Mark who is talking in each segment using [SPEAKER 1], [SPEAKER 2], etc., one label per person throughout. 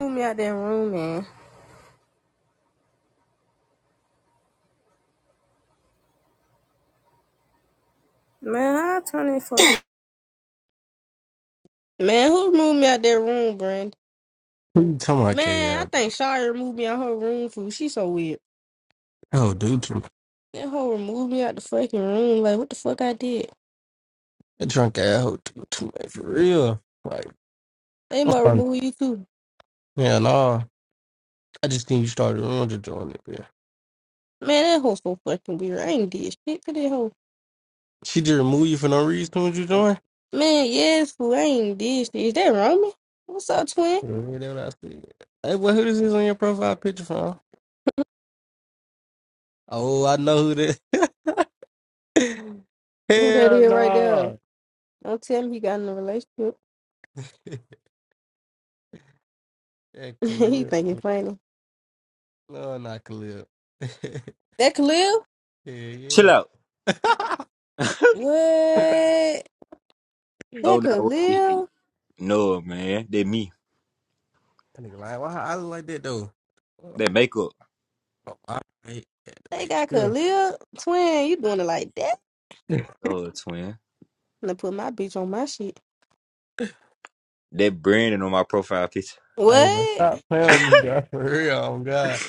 [SPEAKER 1] Move me out that room, man. Man, I turn it for Man, who moved me out that room, Brandon?
[SPEAKER 2] Who you talking about, K
[SPEAKER 1] Man, I
[SPEAKER 2] L?
[SPEAKER 1] think Shia removed me out her room for she so weird.
[SPEAKER 2] oh, dude, too.
[SPEAKER 1] That hoe removed me out the fucking room. Like what the fuck I did?
[SPEAKER 2] That drunk ass hoe do too much for real. Like,
[SPEAKER 1] They
[SPEAKER 2] I'm
[SPEAKER 1] might
[SPEAKER 2] sorry.
[SPEAKER 1] remove you too.
[SPEAKER 2] yeah, nah. I just think you started on to join it. Yeah,
[SPEAKER 1] Man, that hoe so fucking weird. I ain't did shit to that hoe.
[SPEAKER 2] she just removed you for no reason when you join.
[SPEAKER 1] Man, yes, fool. I ain't did shit. Is that Roman? What's up, twin?
[SPEAKER 2] Yeah, that's what I see. Hey, boy, who this is on your profile picture from? Oh, I know who that.
[SPEAKER 1] Who that
[SPEAKER 2] Hell
[SPEAKER 1] is right there?
[SPEAKER 2] no.
[SPEAKER 1] Don't tell me he got in a relationship.
[SPEAKER 2] That
[SPEAKER 1] he
[SPEAKER 2] Khalil.
[SPEAKER 1] think it's funny.
[SPEAKER 2] No, not Khalil.
[SPEAKER 1] That Khalil?
[SPEAKER 2] yeah, yeah.
[SPEAKER 3] Chill out.
[SPEAKER 2] that
[SPEAKER 1] What?
[SPEAKER 3] Oh
[SPEAKER 1] That
[SPEAKER 3] no, we-
[SPEAKER 1] Khalil?
[SPEAKER 3] no man, that me,
[SPEAKER 2] nigga lying. Why I look like that though? Oh,
[SPEAKER 3] that makeup.
[SPEAKER 2] oh, I hate that to
[SPEAKER 1] They
[SPEAKER 2] make
[SPEAKER 1] got
[SPEAKER 2] sure.
[SPEAKER 1] Khalil twin. You doing it like that?
[SPEAKER 3] Oh twin,
[SPEAKER 1] I'm gonna put my bitch on my shit.
[SPEAKER 3] that branding on my profile picture.
[SPEAKER 2] Hey, bro,
[SPEAKER 1] What?
[SPEAKER 2] stop playing with me, bro. For real, oh God.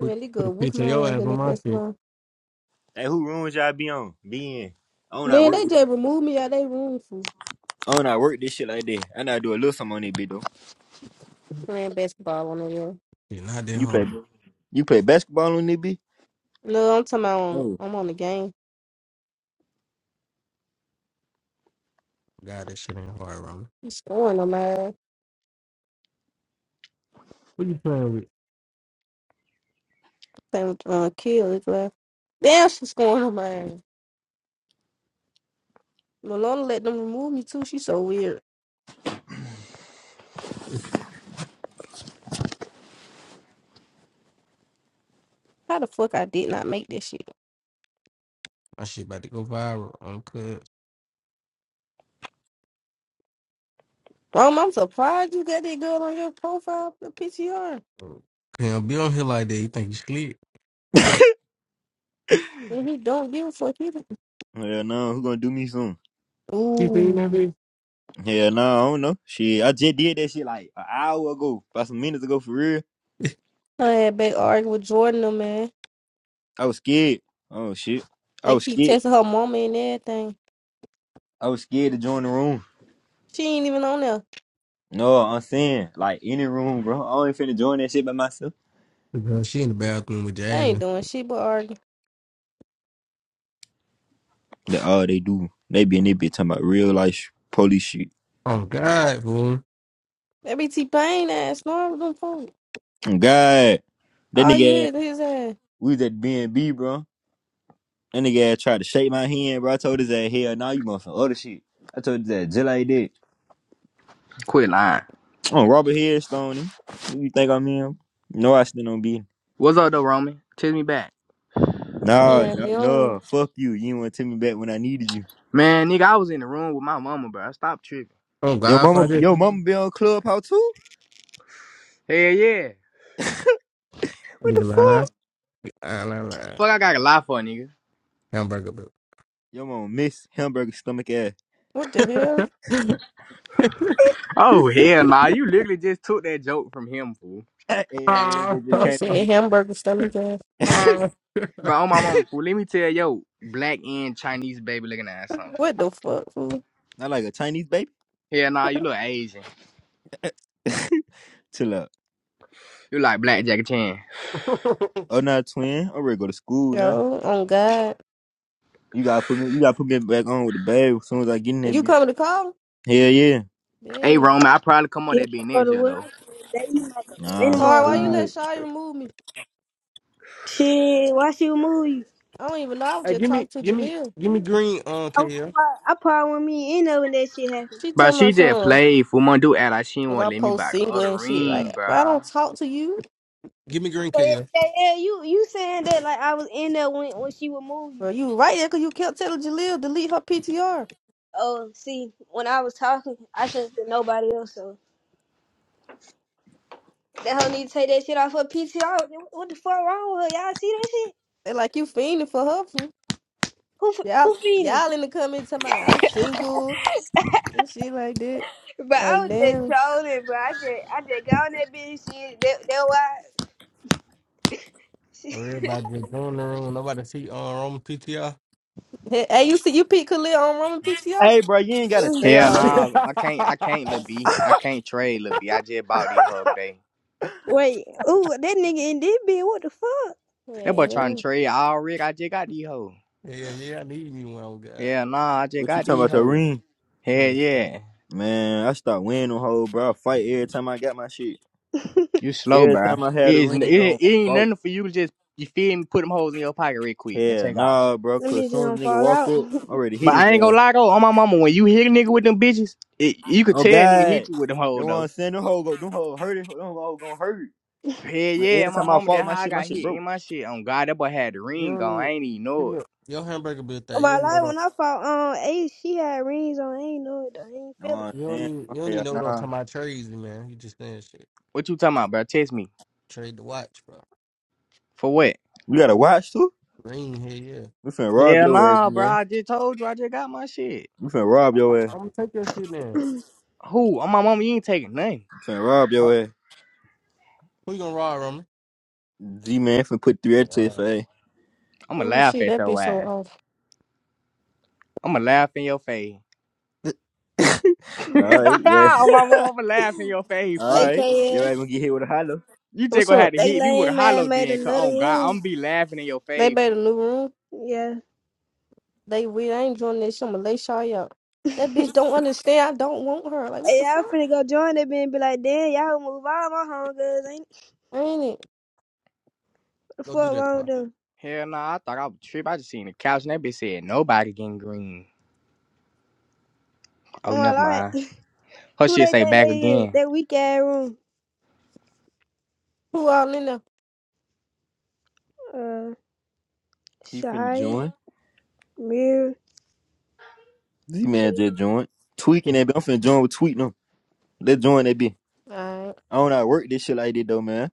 [SPEAKER 2] Put put a
[SPEAKER 1] good. Whoop
[SPEAKER 2] picture
[SPEAKER 1] my
[SPEAKER 2] of your
[SPEAKER 1] ass
[SPEAKER 2] ass
[SPEAKER 1] in
[SPEAKER 2] on
[SPEAKER 1] that
[SPEAKER 2] my shit.
[SPEAKER 1] basketball.
[SPEAKER 3] Hey, who rooms y'all be on? Be in. I don't not
[SPEAKER 1] Man,
[SPEAKER 3] work.
[SPEAKER 1] they
[SPEAKER 3] This,
[SPEAKER 1] just removed me out of their room for
[SPEAKER 3] I don't not work this shit like that. I not do a little something on that bitch though.
[SPEAKER 1] playing basketball on the road.
[SPEAKER 2] Shit, not that
[SPEAKER 3] You play,
[SPEAKER 2] hard.
[SPEAKER 3] you play basketball on that bitch?
[SPEAKER 1] No, I'm talking about on,
[SPEAKER 3] No.
[SPEAKER 1] I'm on the game.
[SPEAKER 2] God, that shit ain't hard, Roman.
[SPEAKER 1] She's scoring on my ass.
[SPEAKER 2] What you playing with?
[SPEAKER 1] Same with uh, Kill as well. Damn, she's scoring on my ass. Malona let them remove me too. She's so weird.
[SPEAKER 2] Yeah,
[SPEAKER 1] How the fuck I did not make this shit?
[SPEAKER 2] My shit about to go viral. I'm cut.
[SPEAKER 1] Mom, I'm surprised you got that girl on your profile, the PTR.
[SPEAKER 2] Can't be on here like that. You think you slick?
[SPEAKER 1] And he don't give a fuck either.
[SPEAKER 3] Hell no, who gonna do me soon?
[SPEAKER 2] You seen that
[SPEAKER 1] Ooh.
[SPEAKER 2] bitch?
[SPEAKER 3] Hell no, I don't know. Shit, I just did that shit like an hour ago, about some minutes ago for real.
[SPEAKER 1] Her had back arguing with Jordan, though, man.
[SPEAKER 3] I was scared. Oh shit, I
[SPEAKER 1] They
[SPEAKER 3] was
[SPEAKER 1] keep
[SPEAKER 3] scared.
[SPEAKER 1] texting her mama and everything.
[SPEAKER 3] I was scared to join the room.
[SPEAKER 1] She ain't even on there.
[SPEAKER 3] No, I'm saying like any room, bro. I ain't finna join that shit by myself.
[SPEAKER 2] Girl, she in the bathroom with
[SPEAKER 1] They ain't
[SPEAKER 2] Jasmine.
[SPEAKER 1] doing shit but arguing.
[SPEAKER 3] That all they do, they be in there bitch talking about real life police shit.
[SPEAKER 2] Oh God, fool.
[SPEAKER 1] Every T Pain ass, no, with them folks.
[SPEAKER 3] Oh, God, that
[SPEAKER 1] All you
[SPEAKER 3] nigga, ass-
[SPEAKER 1] hear is his ass.
[SPEAKER 3] we was at B and B, bro. That nigga ass tried to shake my hand, bro. I told his ass, hell, nah, you want some other shit. I told his ass just like that.
[SPEAKER 4] Quit lying.
[SPEAKER 3] Oh, Robert Headstone, him. Who you think I'm in? No, I still don't be.
[SPEAKER 4] What's up though, Roman? Text me back.
[SPEAKER 3] Nah,
[SPEAKER 1] Yeah,
[SPEAKER 3] no,
[SPEAKER 1] be on.
[SPEAKER 3] no, fuck you. You ain't want to tell me back when I needed you.
[SPEAKER 4] Man, nigga, I was in the room with my mama, bro. Stop tripping.
[SPEAKER 2] Oh
[SPEAKER 3] Yo,
[SPEAKER 2] God, if I
[SPEAKER 3] mama,
[SPEAKER 2] just
[SPEAKER 3] yo, mama be on Clubhouse too.
[SPEAKER 4] Hell yeah.
[SPEAKER 3] What the
[SPEAKER 2] nigga lie.
[SPEAKER 3] fuck?
[SPEAKER 2] I lie, lie.
[SPEAKER 4] Fuck, I got a lie for nigga.
[SPEAKER 2] Hamburger, bro.
[SPEAKER 3] Yo, mama miss hamburger stomach ass.
[SPEAKER 1] What the hell?
[SPEAKER 4] Oh hell nah, you literally just took that joke from him, fool.
[SPEAKER 3] yeah, yeah, that
[SPEAKER 2] Ah,
[SPEAKER 3] bitch just
[SPEAKER 1] You
[SPEAKER 3] came on.
[SPEAKER 1] said hamburger stomach ass.
[SPEAKER 2] ah.
[SPEAKER 3] my
[SPEAKER 4] Bro, on my mama, fool. Let me tell yo, black and Chinese baby looking ass something, fool.
[SPEAKER 1] What the fuck, fool?
[SPEAKER 3] Not like a Chinese baby.
[SPEAKER 4] Hell nah, you look Asian.
[SPEAKER 3] Chill out.
[SPEAKER 4] You like black Jackie Chan.
[SPEAKER 3] Oh, nah, twin. I'm ready to go to school now.
[SPEAKER 1] Yo, on God.
[SPEAKER 3] You gotta put me. You gotta put me back on with the babe as soon as I get in that
[SPEAKER 1] You
[SPEAKER 3] bitch.
[SPEAKER 1] coming to call?
[SPEAKER 3] Hell yeah.
[SPEAKER 4] Hey
[SPEAKER 1] Yeah.
[SPEAKER 4] Roman, I probably come on
[SPEAKER 5] Get
[SPEAKER 4] that big
[SPEAKER 5] for
[SPEAKER 4] next
[SPEAKER 5] the
[SPEAKER 4] year though.
[SPEAKER 5] world, they ain't like
[SPEAKER 3] Nah,
[SPEAKER 2] oh
[SPEAKER 1] Sorry,
[SPEAKER 3] stay where
[SPEAKER 1] why
[SPEAKER 5] anymore.
[SPEAKER 1] you
[SPEAKER 2] God.
[SPEAKER 3] you
[SPEAKER 1] let
[SPEAKER 3] at.
[SPEAKER 1] Shawty remove me?
[SPEAKER 5] Shit, why she remove you?
[SPEAKER 1] I don't even know. I was
[SPEAKER 2] Hey,
[SPEAKER 1] just
[SPEAKER 2] give me,
[SPEAKER 1] talking to
[SPEAKER 2] give me,
[SPEAKER 1] Jaleel.
[SPEAKER 2] give me green, uh,
[SPEAKER 5] I, I,
[SPEAKER 2] KL.
[SPEAKER 5] prob- I probably wasn't me in there when that shit happened.
[SPEAKER 1] She
[SPEAKER 4] But
[SPEAKER 1] told my
[SPEAKER 4] she just
[SPEAKER 1] son,
[SPEAKER 4] played fool. My dude act like she
[SPEAKER 1] because
[SPEAKER 4] will not
[SPEAKER 1] I
[SPEAKER 4] let me
[SPEAKER 1] post
[SPEAKER 4] buy the
[SPEAKER 1] single
[SPEAKER 4] other
[SPEAKER 1] and shit.
[SPEAKER 4] ring,
[SPEAKER 1] Like, but I
[SPEAKER 4] bro.
[SPEAKER 1] don't talk to you.
[SPEAKER 2] Give me green,
[SPEAKER 5] Yeah,
[SPEAKER 2] KL.
[SPEAKER 5] yeah, yeah, you you saying that like I was in there when when she would move you.
[SPEAKER 1] Well, you right there because you kept telling Jaleel delete her PTR.
[SPEAKER 5] Oh, see, when I was talking, I couldn't hear nobody else. So that hoe need to take that shit off her PTR. What the fuck wrong with her? Y'all see that shit?
[SPEAKER 1] They like you fiending for her. fool.
[SPEAKER 5] Who f-
[SPEAKER 1] Y'all,
[SPEAKER 5] who feeding?
[SPEAKER 1] y'all in the comments talking about I'm single and shit like that.
[SPEAKER 5] But I
[SPEAKER 1] Like
[SPEAKER 5] was just
[SPEAKER 1] damn.
[SPEAKER 5] trolling, bro. I just I just got on that bitch shit. That that
[SPEAKER 2] Oh, everybody just joined the room. Nobody see uh Roman PTR.
[SPEAKER 1] Hey, hey, you see you peek Khalil on Roman PTR?
[SPEAKER 3] Hey, bro, you ain't gotta say
[SPEAKER 5] why.
[SPEAKER 4] Hell
[SPEAKER 3] all
[SPEAKER 2] yeah,
[SPEAKER 3] that.
[SPEAKER 4] nah, I can't. I can't, Lil B. I can't trade, Lil B. I just bought these hoes today.
[SPEAKER 5] Wait, ooh, that nigga in this bitch, what the fuck?
[SPEAKER 4] That boy trying to
[SPEAKER 1] Yeah.
[SPEAKER 4] trade all rig. I just got these hoes.
[SPEAKER 2] yeah, I need you one, God.
[SPEAKER 4] Yeah, nah, I just
[SPEAKER 3] What you
[SPEAKER 4] got
[SPEAKER 3] talking
[SPEAKER 4] these
[SPEAKER 3] about your
[SPEAKER 4] hoes.
[SPEAKER 3] ring?
[SPEAKER 2] Yeah.
[SPEAKER 4] Hell yeah,
[SPEAKER 3] Man, I start wearing them hoes, bro. I fight every time I got my shit.
[SPEAKER 4] you slow,
[SPEAKER 3] Every time
[SPEAKER 4] bruh.
[SPEAKER 3] I
[SPEAKER 4] It
[SPEAKER 3] had a
[SPEAKER 4] is. It,
[SPEAKER 3] ring on,
[SPEAKER 4] it
[SPEAKER 3] I
[SPEAKER 4] ain't
[SPEAKER 3] fought.
[SPEAKER 4] nothing for you to just you feel me. Put them hoes in your pocket real quick and
[SPEAKER 3] Yeah,
[SPEAKER 4] take off.
[SPEAKER 3] nah, bro.
[SPEAKER 5] Them
[SPEAKER 3] Cause
[SPEAKER 5] bitches
[SPEAKER 3] soon as
[SPEAKER 5] gonna
[SPEAKER 3] the nigga
[SPEAKER 5] fall
[SPEAKER 3] walk
[SPEAKER 5] out.
[SPEAKER 3] up, I already hit
[SPEAKER 4] But
[SPEAKER 3] his
[SPEAKER 4] I ain't gonna
[SPEAKER 3] ass.
[SPEAKER 4] lie though, on my mama, when you hit a nigga with them bitches, it, you could
[SPEAKER 3] Oh
[SPEAKER 4] tell a nigga hit
[SPEAKER 3] God.
[SPEAKER 4] you with them
[SPEAKER 3] They
[SPEAKER 4] hoes though.
[SPEAKER 3] want to send them hoe go. Them hoe hurt. it. Them hoe gonna hurt.
[SPEAKER 4] Hell
[SPEAKER 3] But
[SPEAKER 4] yeah,
[SPEAKER 3] every
[SPEAKER 4] my
[SPEAKER 3] time I
[SPEAKER 4] mama,
[SPEAKER 3] fall,
[SPEAKER 4] that
[SPEAKER 3] my
[SPEAKER 4] how I
[SPEAKER 3] shit, my
[SPEAKER 4] got
[SPEAKER 3] shit
[SPEAKER 4] hit
[SPEAKER 3] broke.
[SPEAKER 4] in my shit. On God, that boy had the
[SPEAKER 2] You
[SPEAKER 4] ring on.
[SPEAKER 2] don't
[SPEAKER 4] I
[SPEAKER 2] need.
[SPEAKER 4] ain't even
[SPEAKER 2] See,
[SPEAKER 4] know it.
[SPEAKER 2] look, your hamburger built that. You
[SPEAKER 5] My
[SPEAKER 2] don't know
[SPEAKER 5] life
[SPEAKER 2] that.
[SPEAKER 5] when I fought on um, Ace, she had rings on. I ain't know it though. I ain't
[SPEAKER 3] You know what
[SPEAKER 5] feel
[SPEAKER 3] I'm
[SPEAKER 2] You don't
[SPEAKER 3] saying?
[SPEAKER 2] need. You don't need
[SPEAKER 3] Okay,
[SPEAKER 2] know what I'm
[SPEAKER 3] nah.
[SPEAKER 2] Trades, man. You just saying shit.
[SPEAKER 4] What you talking about, bro? Text me
[SPEAKER 2] Trade the watch, bro.
[SPEAKER 4] for what?
[SPEAKER 3] We gotta watch too.
[SPEAKER 2] Green here, yeah.
[SPEAKER 3] We finna rob
[SPEAKER 4] Hell
[SPEAKER 3] your ass,
[SPEAKER 4] nah, bro.
[SPEAKER 3] man.
[SPEAKER 4] I just told you I just got my shit.
[SPEAKER 3] We finna rob
[SPEAKER 2] I, I,
[SPEAKER 3] your ass.
[SPEAKER 2] I'm gonna take your shit then.
[SPEAKER 4] Who? On my mama, you ain't taking nothing.
[SPEAKER 3] We finna rob
[SPEAKER 2] Uh,
[SPEAKER 3] your ass.
[SPEAKER 2] Who you gonna ride, Roman?
[SPEAKER 3] G man finna put
[SPEAKER 2] Oh,
[SPEAKER 3] thread to your
[SPEAKER 2] wow.
[SPEAKER 3] face.
[SPEAKER 4] I'ma
[SPEAKER 1] Oh
[SPEAKER 4] laugh
[SPEAKER 1] shit,
[SPEAKER 4] at
[SPEAKER 1] that bitch
[SPEAKER 4] your
[SPEAKER 1] so
[SPEAKER 4] ass.
[SPEAKER 1] off.
[SPEAKER 4] I'ma laugh in your face.
[SPEAKER 3] Alright,
[SPEAKER 4] On my
[SPEAKER 3] yeah.
[SPEAKER 4] mama, I'ma laugh in your face, fool.
[SPEAKER 5] it.
[SPEAKER 3] Alright. Your ass
[SPEAKER 5] AKS.
[SPEAKER 3] gonna get hit with a hollow.
[SPEAKER 4] You just
[SPEAKER 1] What's
[SPEAKER 4] gonna have
[SPEAKER 1] up?
[SPEAKER 4] to
[SPEAKER 5] They
[SPEAKER 4] hit me with a
[SPEAKER 5] lame
[SPEAKER 4] hollow
[SPEAKER 5] man made
[SPEAKER 4] then, cause
[SPEAKER 5] another
[SPEAKER 4] on God,
[SPEAKER 5] room.
[SPEAKER 4] I'm be laughing in your
[SPEAKER 1] They
[SPEAKER 4] face,
[SPEAKER 1] made a
[SPEAKER 4] fool.
[SPEAKER 1] new room.
[SPEAKER 5] Yeah.
[SPEAKER 1] They weird. I ain't joining this. I'ma lay Shaw out. That bitch don't understand. I don't want her. Like what
[SPEAKER 5] Hey,
[SPEAKER 1] the
[SPEAKER 5] y'all
[SPEAKER 1] fuck?
[SPEAKER 5] finna go join that bitch and be like, damn, y'all move all my hungers. Ain't it?
[SPEAKER 1] Ain't it?
[SPEAKER 5] what the
[SPEAKER 2] Don't do
[SPEAKER 5] fuck
[SPEAKER 2] that,
[SPEAKER 5] wrong with
[SPEAKER 2] Ty.
[SPEAKER 5] them?
[SPEAKER 4] Hell nah, I thought I was tripping. I just seen the couch and that bitch said nobody getting green. Oh,
[SPEAKER 5] Oh my
[SPEAKER 4] never mind.
[SPEAKER 5] life.
[SPEAKER 4] Her
[SPEAKER 5] Who
[SPEAKER 4] shit
[SPEAKER 5] they
[SPEAKER 4] say
[SPEAKER 5] think
[SPEAKER 4] back
[SPEAKER 5] they is?
[SPEAKER 4] again.
[SPEAKER 5] That weak ass room.
[SPEAKER 1] Who all in there?
[SPEAKER 5] Uh,
[SPEAKER 3] He finna
[SPEAKER 5] Shia,
[SPEAKER 3] join.
[SPEAKER 5] Mirror,
[SPEAKER 3] G
[SPEAKER 5] shit.
[SPEAKER 3] man just joined. Tweaking that bitch. I'm finna join with tweeting them. Let's join that bitch.
[SPEAKER 1] All right.
[SPEAKER 3] I don't know how to work this shit like this though, man.